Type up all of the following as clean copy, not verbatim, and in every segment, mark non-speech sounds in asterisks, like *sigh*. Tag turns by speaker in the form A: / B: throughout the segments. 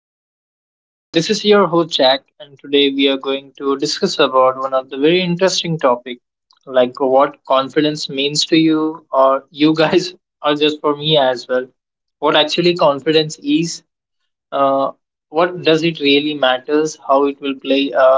A: Episode. This is your host Jack, and today we are going to discuss about one of the very interesting topic, like what confidence means to you, or you guys, *laughs* or just for me as well. What actually confidence is, uh, what does it really matters, how it will play a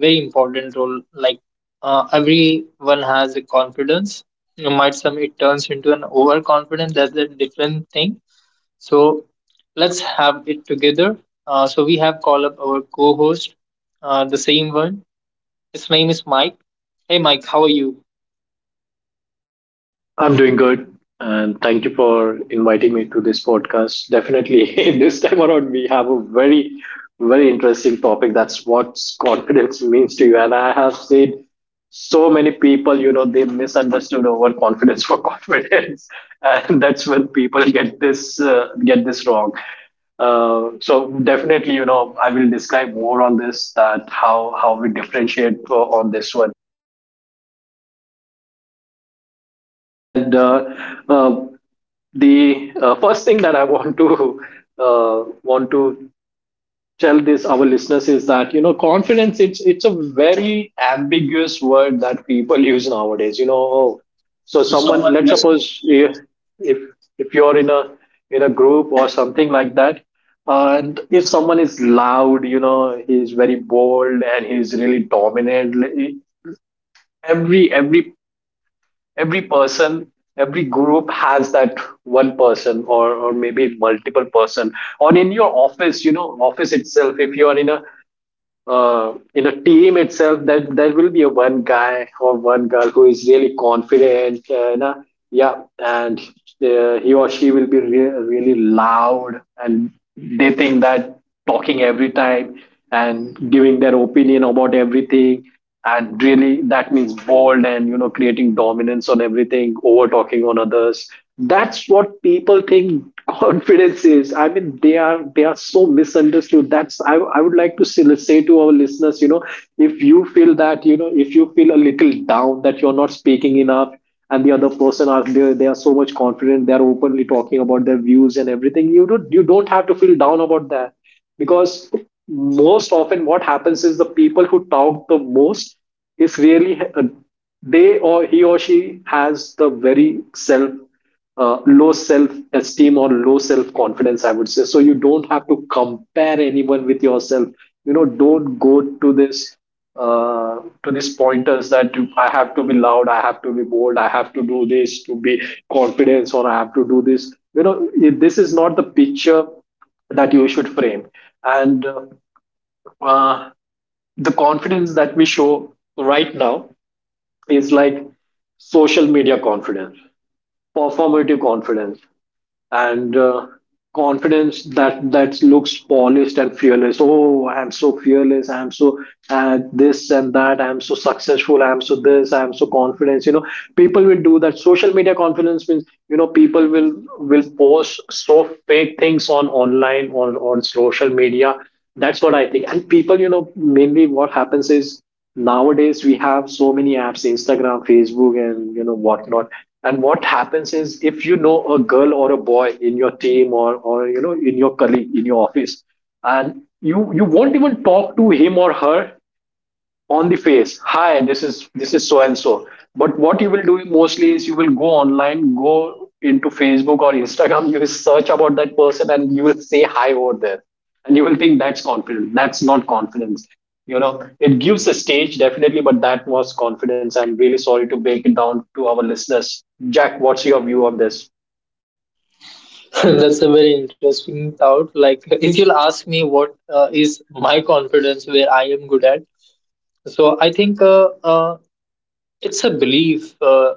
A: very important role. Like everyone has a confidence. You Might some it turns into an overconfidence. That's a different thing, so let's have it together. So we have called up our co-host, the same one. His name is Mike. Hey, Mike, how are you?
B: I'm doing good, and thank you for inviting me to this podcast. Definitely, *laughs* this time around, we have a very, very interesting topic. That's what confidence *laughs* means to you. And I have seen so many people, you know, they misunderstood over confidence for *laughs* confidence, and that's when people get this wrong. So definitely, you know, I will describe more on this that how we differentiate on this one. And uh, the first thing that I want to uh, want to tell this our listeners is that you know confidence it's a very ambiguous word that people use nowadays. You know, oh, so someone, let's suppose if if you're in a group or something like that, and if someone is loud, you know, he's very bold and he's really dominant. Every every every person every group has that one person, or maybe multiple person, or in your office, you know, office itself, if you are in a team itself, that there will be a one guy or one girl who is really confident, you know, yeah, and he or she will be really loud, and they think that talking every time and giving their opinion about everything and really that means bold and, you know, creating dominance on everything, over talking on others, that's what people think *laughs* confidence is. I mean, they are so misunderstood. That's I would like to say, let's say to our listeners, you know, if you feel that, you know, if you feel a little down that you're not speaking enough and the other person are they are so much confident, they are openly talking about their views and everything, you don't have to feel down about that, because most often what happens is the people who talk the most is really, they or he or she has the very self, low self esteem or low self confidence, I would say. So you don't have to compare anyone with yourself. You know, don't go to this, to these pointers that I have to be loud, I have to be bold, I have to do this to be confidence, or I have to do this, you know, this is not the picture that you should frame. And uh, the confidence that we show right now is like social media confidence, performative confidence, and confidence that looks polished and fearless. Oh, I am so fearless, I am so this and that, I am so successful, I am so this, I am so confident. You know, people will do that. Social media confidence means, you know, people will post so fake things on online, on social media. That's what I think. And people, you know, mainly what happens is nowadays we have so many apps, Instagram, Facebook, and you know whatnot. And what happens is, if you know a girl or a boy in your team, or you know in your colleague in your office, and you won't even talk to him or her on the face, hi, this is so and so. But what you will do mostly is you will go online, go into Facebook or Instagram, you will search about that person, and you will say hi over there, and you will think that's confident. That's not confidence, you know. It gives a stage, definitely, but that was confidence. I'm really sorry to break it down to our listeners. Jack, what's your view on this?
A: *laughs* That's a very interesting thought. Like, if you'll ask me what is my confidence where I am good at, so I think it's a belief,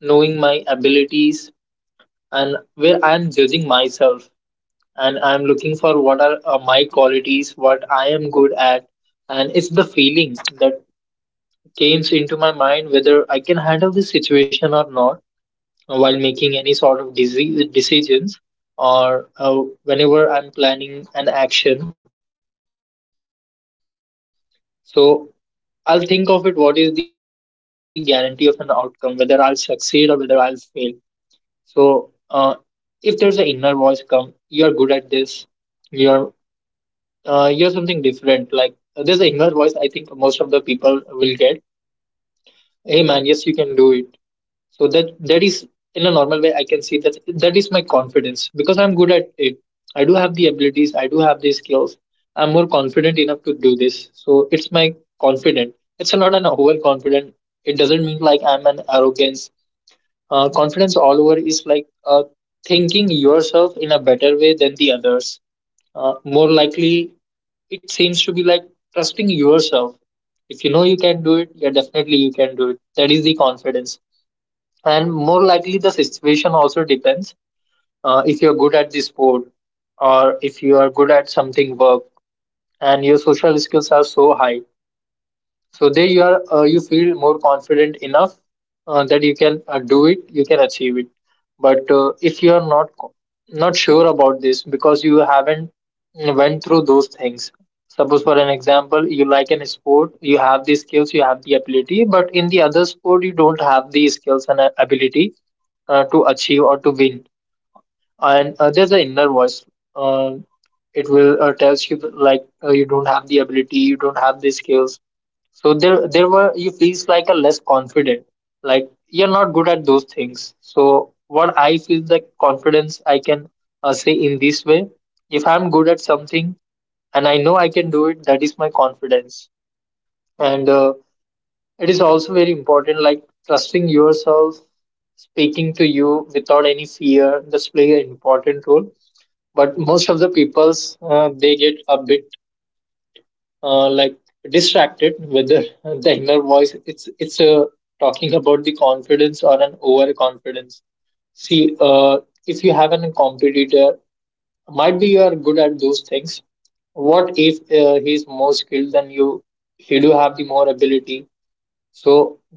A: knowing my abilities and where I am judging myself, and I'm looking for what are my qualities, what I am good at, and it's the feeling that comes into my mind whether I can handle this situation or not, while making any sort of decisions or whenever I'm planning an action. So I'll think of it what is the guarantee of an outcome, whether I'll succeed or whether I'll fail. So if there's an inner voice come, you're good at this, you're you're something different. Like there's an inner voice I think most of the people will get. Hey man, yes you can do it. So that is, in a normal way, I can say good at it. I do have the abilities, I do have the skills, I'm more confident enough to do this, so it's my confident. It's not an overconfident. It doesn't mean like I'm an arrogance. Confidence all over is like thinking yourself in a better way than the others. More likely it seems to be like trusting yourself. If you know you can do it, yeah, definitely you can do it. That is the confidence. And more likely the situation also depends. If you're good at the sport, or if you are good at something work, and your social skills are so high, so there you are, you feel more confident enough, that you can do it, you can achieve it. But if you are not not sure about this, because you haven't went through those things. Suppose for an example, you like an sport, you have the skills, you have the ability, but in the other sport you don't have the skills and ability to achieve or to win. And there's an inner voice, uh, it will tells you that, like you don't have the ability, you don't have the skills. So there were you feels like a less confident, like you're not good at those things. So what I feel like confidence, I can say in this way, if I'm good at something and I know I can do it, that is my confidence. And it is also very important, like trusting yourself, speaking to you without any fear. That's play an important role. But most of the people's they get a bit like distracted whether the *laughs* inner voice it's talking about the confidence or an overconfidence. See, if you have an competitor, might be you are good at those things, what if he is more skilled than you, he do have the more ability, so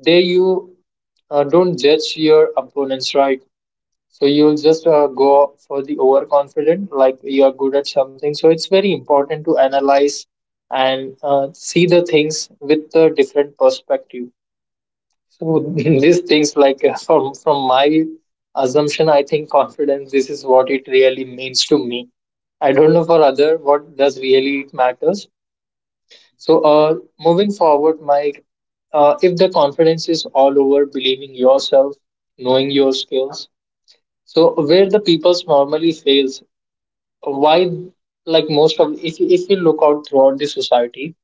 A: there you don't judge your opponents, right? So you'll just go for the overconfident, like you're good at something. So it's very important to analyze and see the things with a different perspective. So *laughs* these things, like from my assumption, I think confidence. This is what it really means to me. I don't know for other what does really it matters. So moving forward, Mike, if the confidence is all over believing yourself, knowing your skills, so where the peoples normally fails, why, like most of, if we look out throughout the society,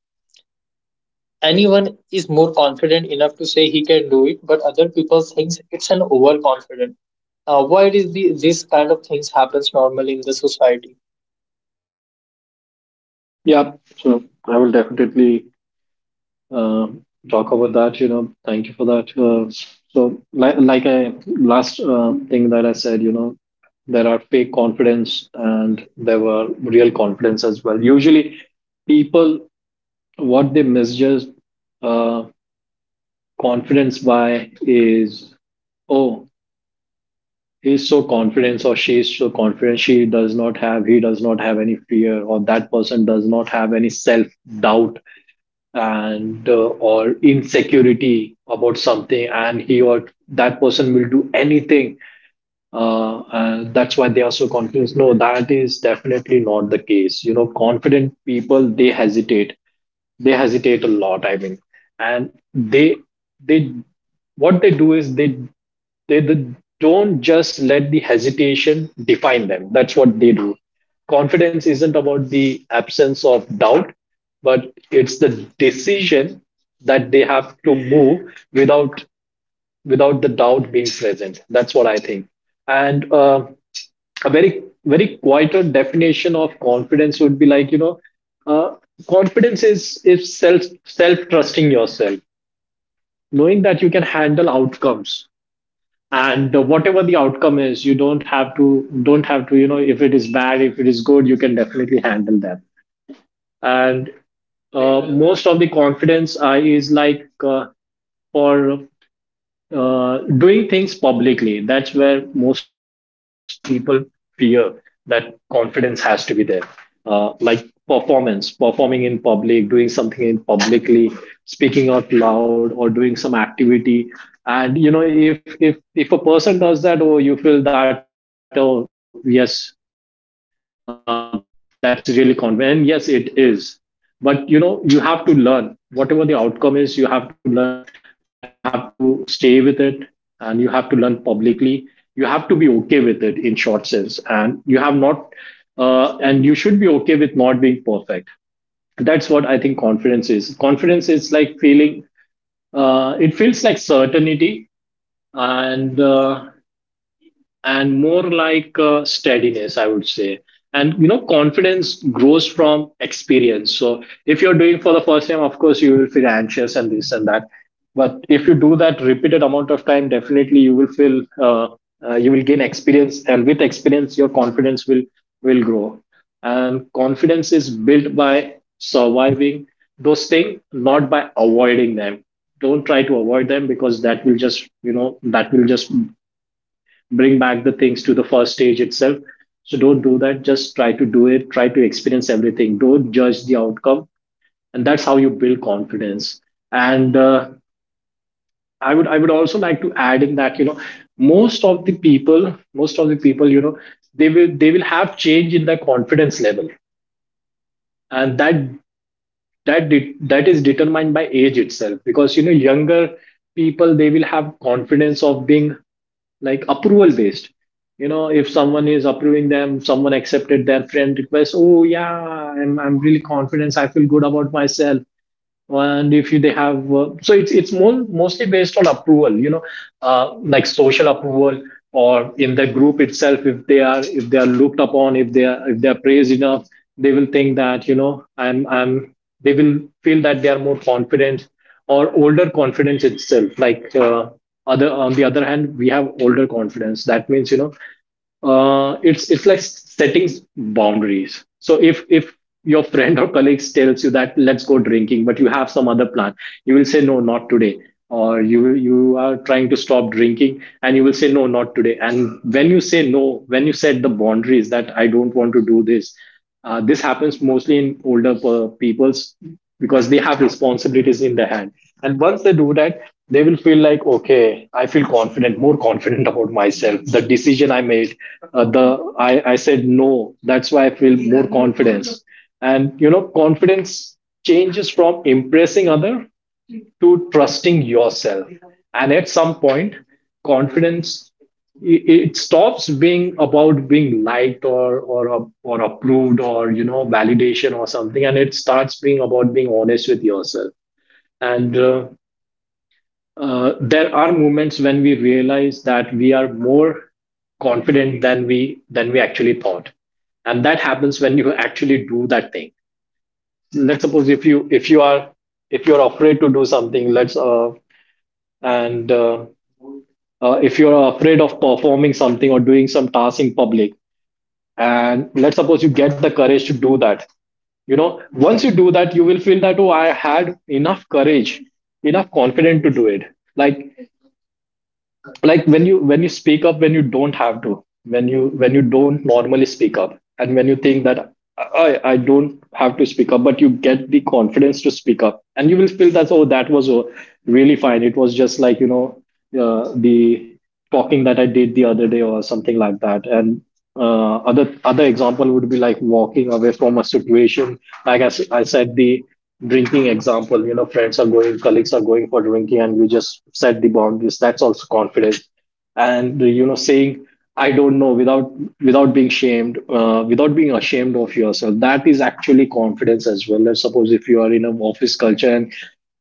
A: anyone is more confident enough to say he can do it, but other people thinks it's an overconfident. Why it is the this kind of things happens normally in the society?
B: Yeah, so I will definitely uh, talk about that. You know, thank you for that. So, like I last thing that I said, you know, there are fake confidence and there were real confidence as well. Usually, people, what they misjudge uh, confidence by is, oh, he's so confident or she's so confident, she does not have, he does not have any fear, or that person does not have any self doubt and or insecurity about something, and he or that person will do anything, and that's why they are so confused. No, that is definitely not the case. You know, confident people, they hesitate, they hesitate a lot, I mean, and they what they do is they don't just let the hesitation define them. That's what they do. Confidence isn't about the absence of doubt, but it's the decision that they have to move without the doubt being present. That's what I think. And a very, very quieter definition of confidence would be like, you know, uh, confidence is self, self trusting yourself, knowing that you can handle outcomes, and whatever the outcome is, you don't have to, don't have to, you know, if it is bad, if it is good, you can definitely handle that. And most of the confidence is like, for doing things publicly, that's where most of the people fear that confidence has to be there, like performance performing in public, doing something in publicly, speaking out loud or doing some activity. And you know, if if a person does that, or you feel that, oh yes, that's really confident, and yes it is. But you know, you have to learn whatever the outcome is, you have to learn that you have to stay with it, and you have to learn publicly, you have to be okay with it, in short sense, and you have not, and you should be okay with not being perfect. That's what I think confidence is. Confidence is like feeling, it feels like certainty, and uh, and more like steadiness, I would say. And you know, confidence grows from experience. So if you're doing for the first time, of course you will feel anxious and this and that. But if you do that repeated amount of time, definitely you will feel, you will gain experience, and with experience your confidence will grow. And confidence is built by surviving those things, not by avoiding them. Don't try to avoid them, because that will just, you know, that will just bring back the things to the first stage itself. So don't do that. Just try to do it. Try to experience everything. Don't judge the outcome, and that's how you build confidence. And I would also like to add in that, you know, most of the people, you know, they will have change in their confidence level, and that is determined by age itself. Because you know, younger people, they will have confidence of being like approval based. You know, if someone is approving them, someone accepted their friend request, oh yeah, I'm really confident, I feel good about myself. And if they have, so it's more mostly based on approval, you know, like social approval, or in the group itself, if they are, if they are looked upon, if they are, if they are praised enough, they will think that, you know, I'm they will feel that they are more confident. Or older confidence itself, like, other on the other hand, we have older confidence. That means, you know, it's like setting boundaries. So if your friend or colleague tells you that let's go drinking, but you have some other plan, you will say no, not today. Or you are trying to stop drinking, and you will say no, not today. And when you say no, when you set the boundaries that I don't want to do this, this happens mostly in older people's, because they have responsibilities in their hand. And once they do that, they will feel like, okay, I feel confident, more confident *laughs* about myself. The decision I made, the I said no. That's why I feel more confidence. And you know, confidence changes from impressing other to trusting yourself. And at some point, confidence it stops being about being liked, or or approved, or you know, validation or something, and it starts being about being honest with yourself. And there are moments when we realize that we are more confident than we actually thought, and that happens when you actually do that thing. Let's suppose if you are if you're afraid to do something, let's and if you're afraid of performing something or doing some task in public, and let's suppose you get the courage to do that. You know, once you do that you will feel that, oh, I had enough courage, enough confidence to do it. Like like when you speak up, when you don't have to, when you don't normally speak up, and when you think that I don't have to speak up, but you get the confidence to speak up, and you will feel that, oh, that was really fine. It was just like, you know, the talking that I did the other day or something like that. And other example would be like walking away from a situation. Like I said the drinking example, you know, friends are going, colleagues are going for drinking, and you just set the boundaries. That's also confidence. And, you know, saying I don't know, without being shamed, without being ashamed of yourself, that is actually confidence as well. Let's suppose if you are in an office culture, and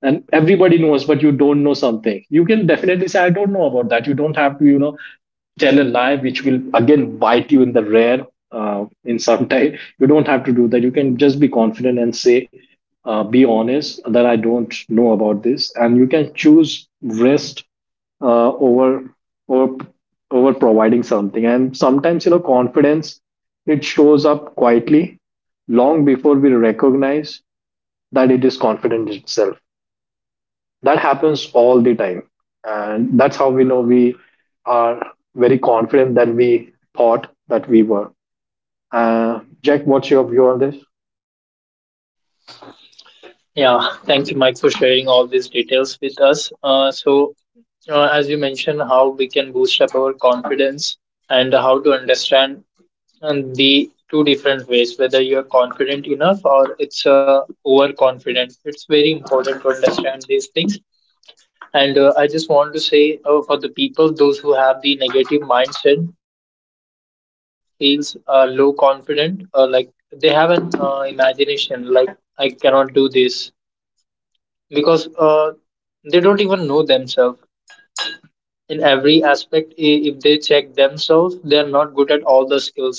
B: everybody knows but you don't know something, you can definitely say I don't know about that. You don't have to, you know, tell a lie which will again bite you in the rear in some *laughs* time. You don't have to do that. You can just be confident and say, be honest that I don't know about this, and you can choose rest uh, over over over providing something. And sometimes, you know, confidence, it shows up quietly long before we recognize that it is confident itself. That happens all the time, and that's how we know we are very confident than we thought that we were. Jack, what's your view on this?
A: Yeah, thank you, Mike, for sharing all these details with us. So as you mentioned, how we can boost up our confidence and how to understand and the two different ways whether you're confident enough or it's overconfident, it's very important to understand these things. And I just want to say for the people those who have the negative mindset, they always feels low confident, like they have an imagination, like I cannot do this, because they don't even know themselves. In every aspect, if they check themselves, they are not good at all the skills.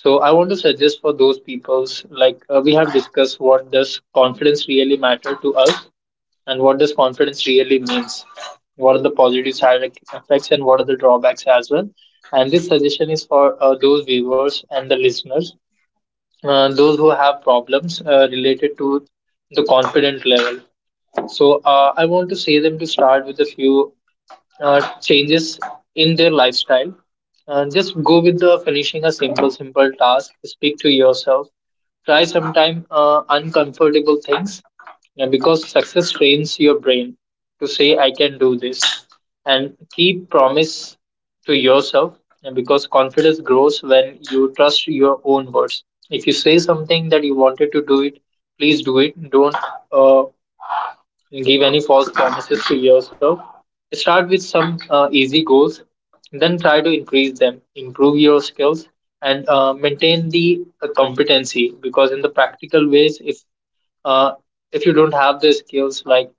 A: So I want to suggest for those peoples, like we have discussed what does confidence really matter to us and what does confidence really means, what are the positive side effects and what are the drawbacks as well. And this suggestion is for those viewers and the listeners, those who have problems related to the confident level. So I want to say them to start with a few changes in their lifestyle. Just go with the finishing a simple, simple task. Speak to yourself. Try sometime uncomfortable things, because success trains your brain to say, I can do this. And keep promise to yourself, because confidence grows when you trust your own words. If you say something that you wanted to do it, please do it. Don't uh, give any false promises to yourself. Start with some easy goals, then try to increase them, improve your skills, and maintain the competency. Because in the practical ways, uh, if you don't have the skills like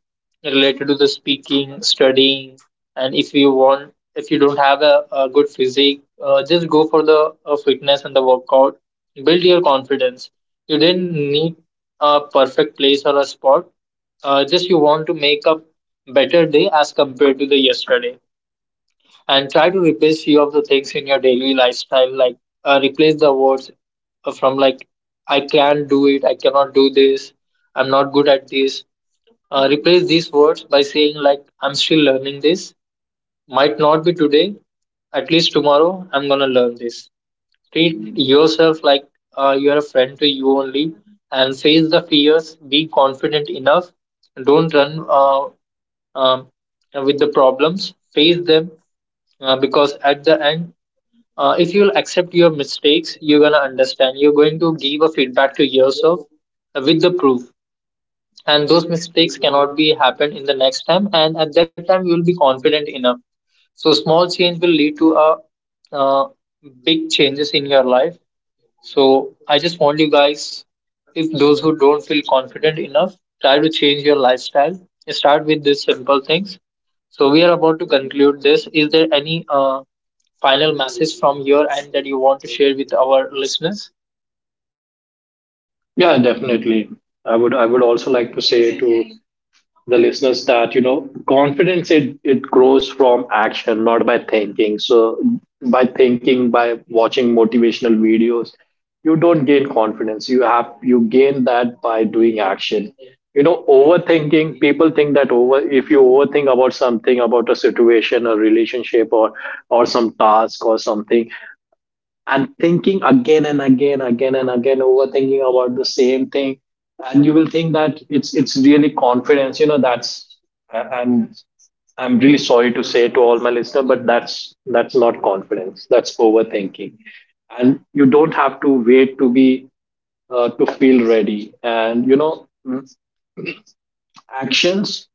A: related to the speaking, studying, and if you want, if you don't have a good physique, just go for the fitness and the workout. Build your confidence. You didn't need a perfect place or a spot, just you want to make a better day as compared to the yesterday, and try to replace few of the things in your daily lifestyle, like replace the words from, like, I can't do it, I cannot do this, I'm not good at this. Replace these words by saying, like, I'm still learning this, might not be today, at least tomorrow I'm gonna learn this. Treat yourself like you're a friend to you only, and face the fears, be confident enough. Don't run uh, um, with the problems, face them, because at the end, if you'll accept your mistakes, you're going to understand, you're going to give a feedback to yourself with the proof, and those mistakes cannot be happened in the next time, and at that time you will be confident enough. So small change will lead to a uh, big changes in your life. So I just want you guys, if those who don't feel confident enough, try to change your lifestyle. Start with these simple things. So we are about to conclude this. Is there any final message from your end that you want to share with our listeners?
B: Yeah, definitely. I would also like to say to the listeners that, you know, confidence, it grows from action, not by thinking. So by thinking, by watching motivational videos, you don't gain confidence. You have you gain that by doing action. You know, overthinking, people think that over, if you overthink about something, about a situation, a relationship, or some task or something, and thinking again and again, again and again, overthinking about the same thing, and you will think that it's really confidence. You know, that's I- i'm I'm really sorry to say to all my listener, but that's not confidence, that's overthinking. And you don't have to wait to be to feel ready. And, you know, actions,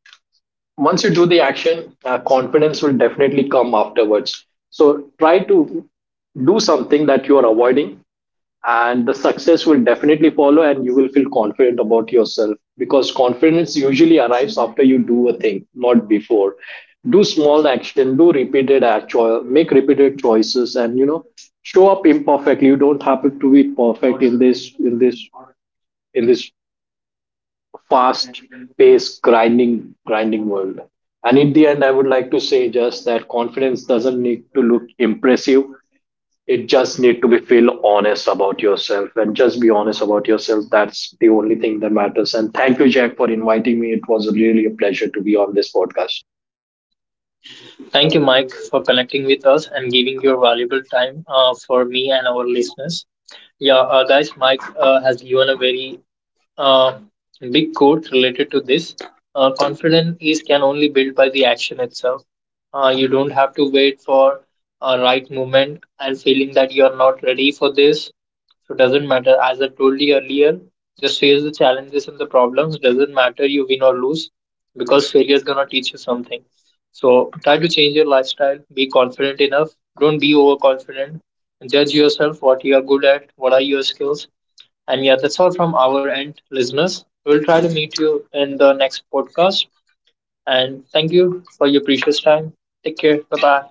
B: once you do the action, confidence will definitely come afterwards. So try to do something that you are avoiding, and the success will definitely follow, and you will feel confident about yourself, because confidence usually arrives after you do a thing, not before. Do small action, do repeated actual, make repeated choices, and, you know, show up imperfectly. You don't have to be perfect in this fast paced grinding world. And in the end, I would like to say just that confidence doesn't need to look impressive, it just need to be feel honest about yourself. And just be honest about yourself, that's the only thing that matters. And thank you, Jack, for inviting me. It was really a pleasure to be on this podcast.
A: Thank you, Mike, for connecting with us and giving your valuable time for me and our listeners. Yeah, guys, Mike has given a very Uh, big quote related to this. Confidence is can only build by the action itself. You don't have to wait for a right moment and feeling that you are not ready for this. So doesn't matter. As I told you earlier, just face the challenges and the problems. Doesn't matter you win or lose, because failure is gonna teach you something. So try to change your lifestyle. Be confident enough. Don't be overconfident. Judge yourself. What you are good at. What are your skills. And yeah, that's all from our end, listeners. We'll try to meet you in the next podcast. And thank you for your precious time. Take care. Bye bye.